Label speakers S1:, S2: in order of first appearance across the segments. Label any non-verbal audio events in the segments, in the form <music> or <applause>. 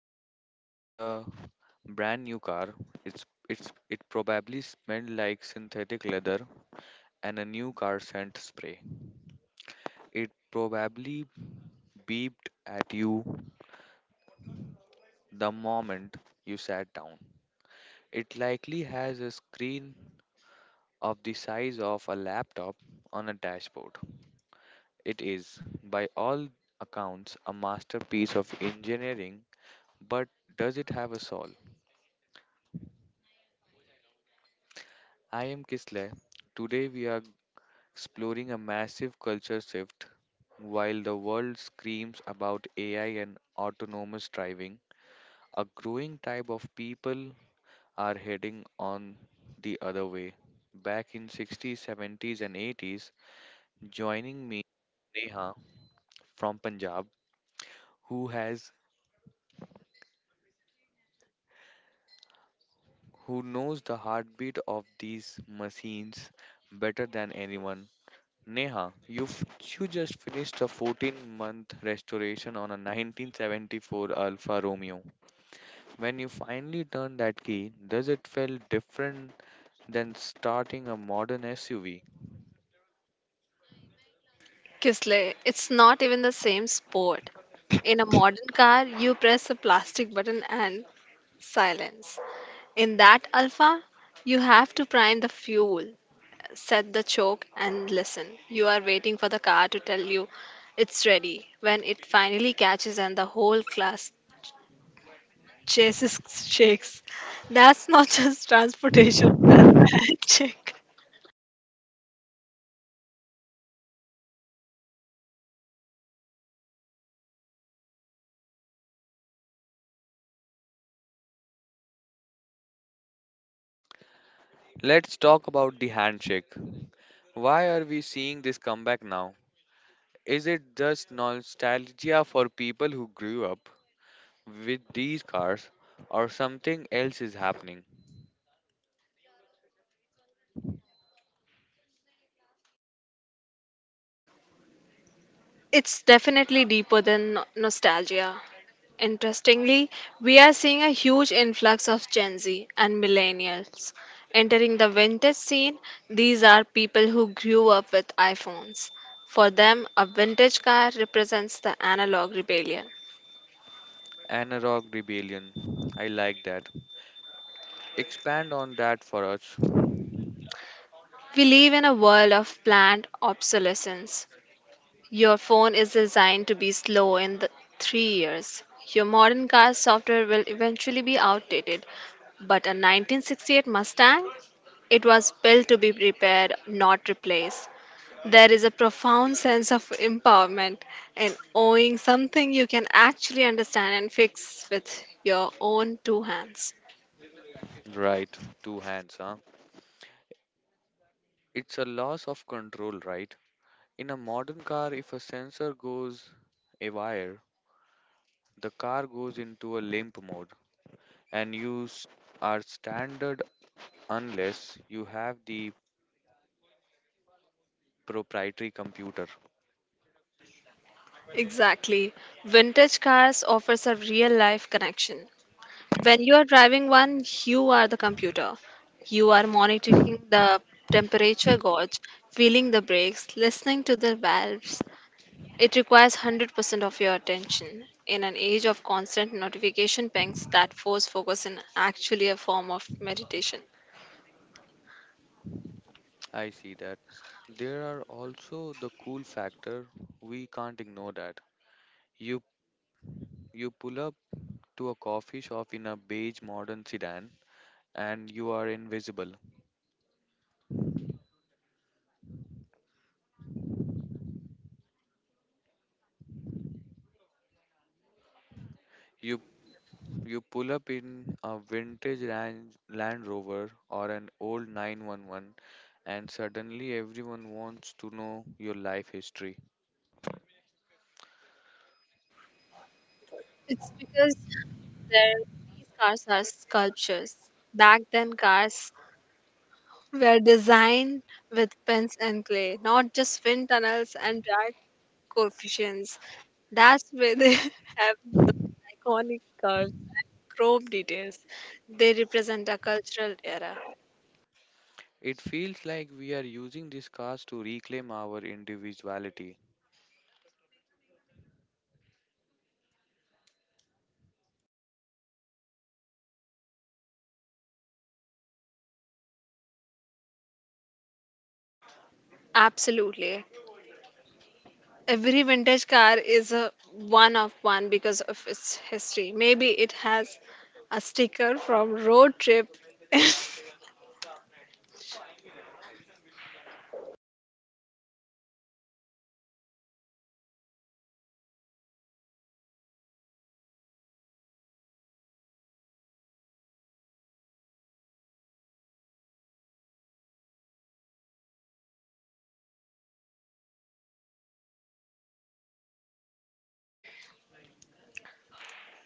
S1: time you sat in the brand new car. It probably smelled like synthetic leather and a new car scent spray. It probably beeped at you the moment you sat down. It likely has a screen of the size of a laptop on a dashboard. It is, by all accounts, a masterpiece of engineering, but does it have a soul? I am Kisle. Today we are exploring a massive culture shift. While the world screams about AI and autonomous driving, a growing type of people are heading on the other way. Back in 60s, 70s and 80s, Neha from Punjab, who has who knows the heartbeat of these machines better than anyone, Neha, you just finished a 14-month restoration on a 1974 Alfa Romeo. When you finally turned that key, does it feel different than starting a modern SUV?
S2: Kisle, it's not even the same sport. In a modern car, you press a plastic button and silence. In that Alpha, you have to prime the fuel, set the choke, and listen. You are waiting for the car to tell you it's ready. When it finally catches and the whole class chases shakes, that's not <laughs> just transportation, that's a handshake.
S1: Let's talk about the handshake. Why are we seeing this comeback now? Is it just nostalgia for people who grew up with these cars, or something else is happening?
S2: It's definitely deeper than nostalgia. Interestingly, we are seeing a huge influx of Gen Z and millennials entering the vintage scene. These are people who grew up with iPhones. For them, a vintage car represents the analog rebellion.
S1: Analog rebellion. I like that. Expand on that for us.
S2: We live in a world of planned obsolescence. Your phone is designed to be slow in the 3 years. Your modern car software will eventually be outdated. But a 1968 Mustang? It was built to be repaired, not replaced. There is a profound sense of empowerment in owning something you can actually understand and fix with your own two hands.
S1: Right, two hands, huh? It's a loss of control, right? In a modern car, if a sensor goes awry, the car goes into a limp mode, and are standard unless you have the proprietary computer.
S2: Exactly. Vintage cars offers a real life connection. When you are driving one, you are the computer. You are monitoring the temperature gauge, feeling the brakes, listening to the valves. It requires 100% of your attention. In an age of constant notification pings, that force focus is actually a form of meditation.
S1: I see that. There are also the cool factor. We can't ignore that. You you pull up to a coffee shop in a beige modern sedan and you are invisible. You You pull up in a vintage Land Rover or an old 911, and suddenly everyone wants to know your life history.
S2: It's because there, these cars are sculptures. Back then, cars were designed with pens and clay, not just wind tunnels and drag coefficients. That's where they <laughs> have the iconic curves, chrome details. They represent a cultural era.
S1: It feels like we are using these cars to reclaim our individuality.
S2: Absolutely. Every vintage car is a one of one because of its history. Maybe it has a sticker from road trip.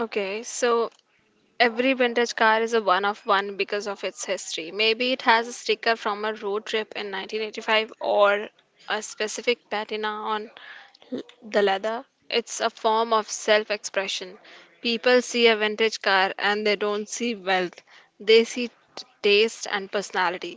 S2: Okay, so every vintage car is a one of one because of its history. Maybe it has a sticker from a road trip in 1985 or a specific patina on the leather. It's a form of self expression. People see a vintage car and they don't see wealth, they see taste and personality.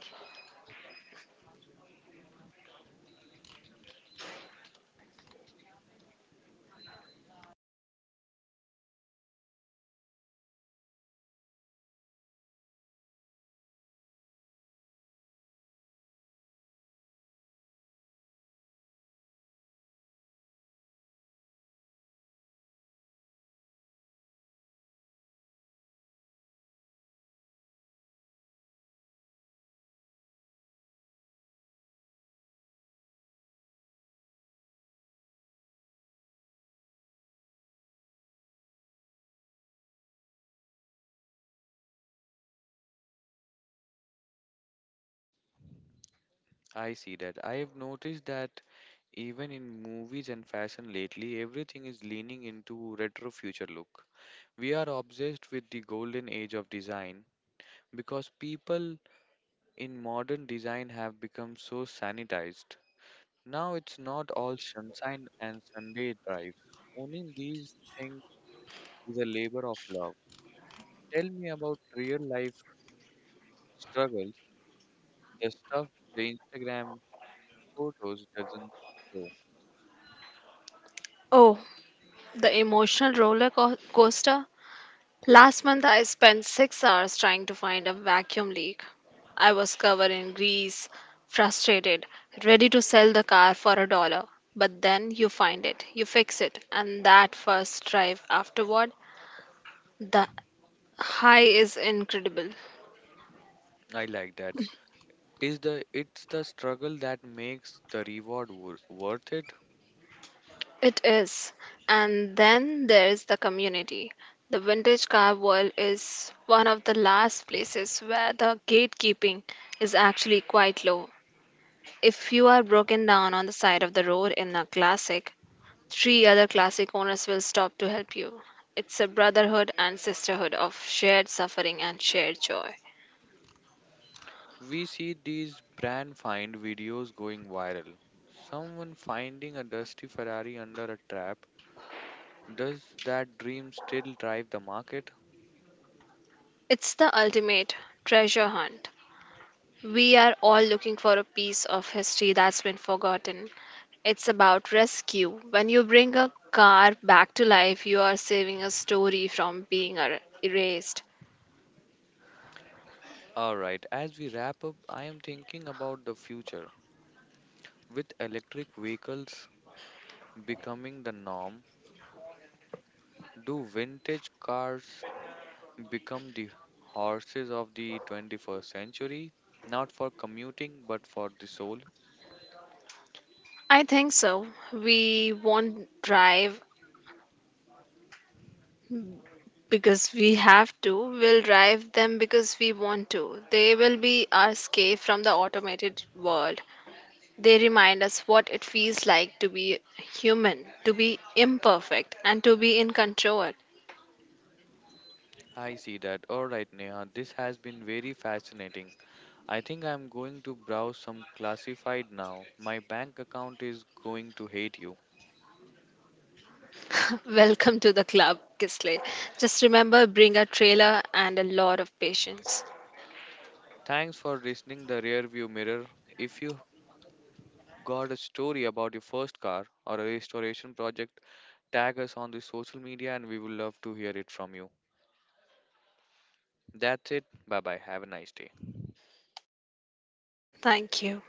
S1: I see that. I have noticed that even in movies and fashion lately, everything is leaning into retro future look. We are obsessed with the golden age of design because people in modern design have become so sanitized. Now it's not all sunshine and Sunday drives. Owning these things is a labor of love. Tell me about real life struggles, the stuff the Instagram photos doesn't show.
S2: Oh, the emotional roller coaster. Last month, I spent 6 hours trying to find a vacuum leak. I was covered in grease, frustrated, ready to sell the car for a dollar. But then you find it, you fix it, and that first drive afterward, the high is incredible.
S1: I like that. Is the it's the struggle that makes the reward worth it?
S2: It is. And then there's the community. The vintage car world is one of the last places where the gatekeeping is actually quite low. If you are broken down on the side of the road in a classic, three other classic owners will stop to help you. It's a brotherhood and sisterhood of shared suffering and shared joy.
S1: We see these brand find videos going viral. Someone finding a dusty Ferrari under a trap. Does that dream still drive the market?
S2: It's the ultimate treasure hunt. We are all looking for a piece of history that's been forgotten. It's about rescue. When you bring a car back to life, you are saving a story from being erased.
S1: All right, as we wrap up, I am thinking about the future. With electric vehicles becoming the norm, do vintage cars become the horses of the 21st century? Not for commuting, but for the soul?
S2: I think so. We won't drive because we have to. We'll drive them because we want to. They will be our escape from the automated world. They remind us what it feels like to be human, to be imperfect, and to be in control.
S1: I see that. All right, Neha, this has been very fascinating. I think I'm going to browse some classified now. My bank account is going to hate you.
S2: <laughs> Welcome to the club, Kisley. Just remember bring a trailer and a lot of patience.
S1: Thanks for listening the rearview mirror. If you got a story about your first car or a restoration project, tag us on the social media and we would love to hear it from you. That's it. Bye bye. Have a nice day.
S2: Thank you.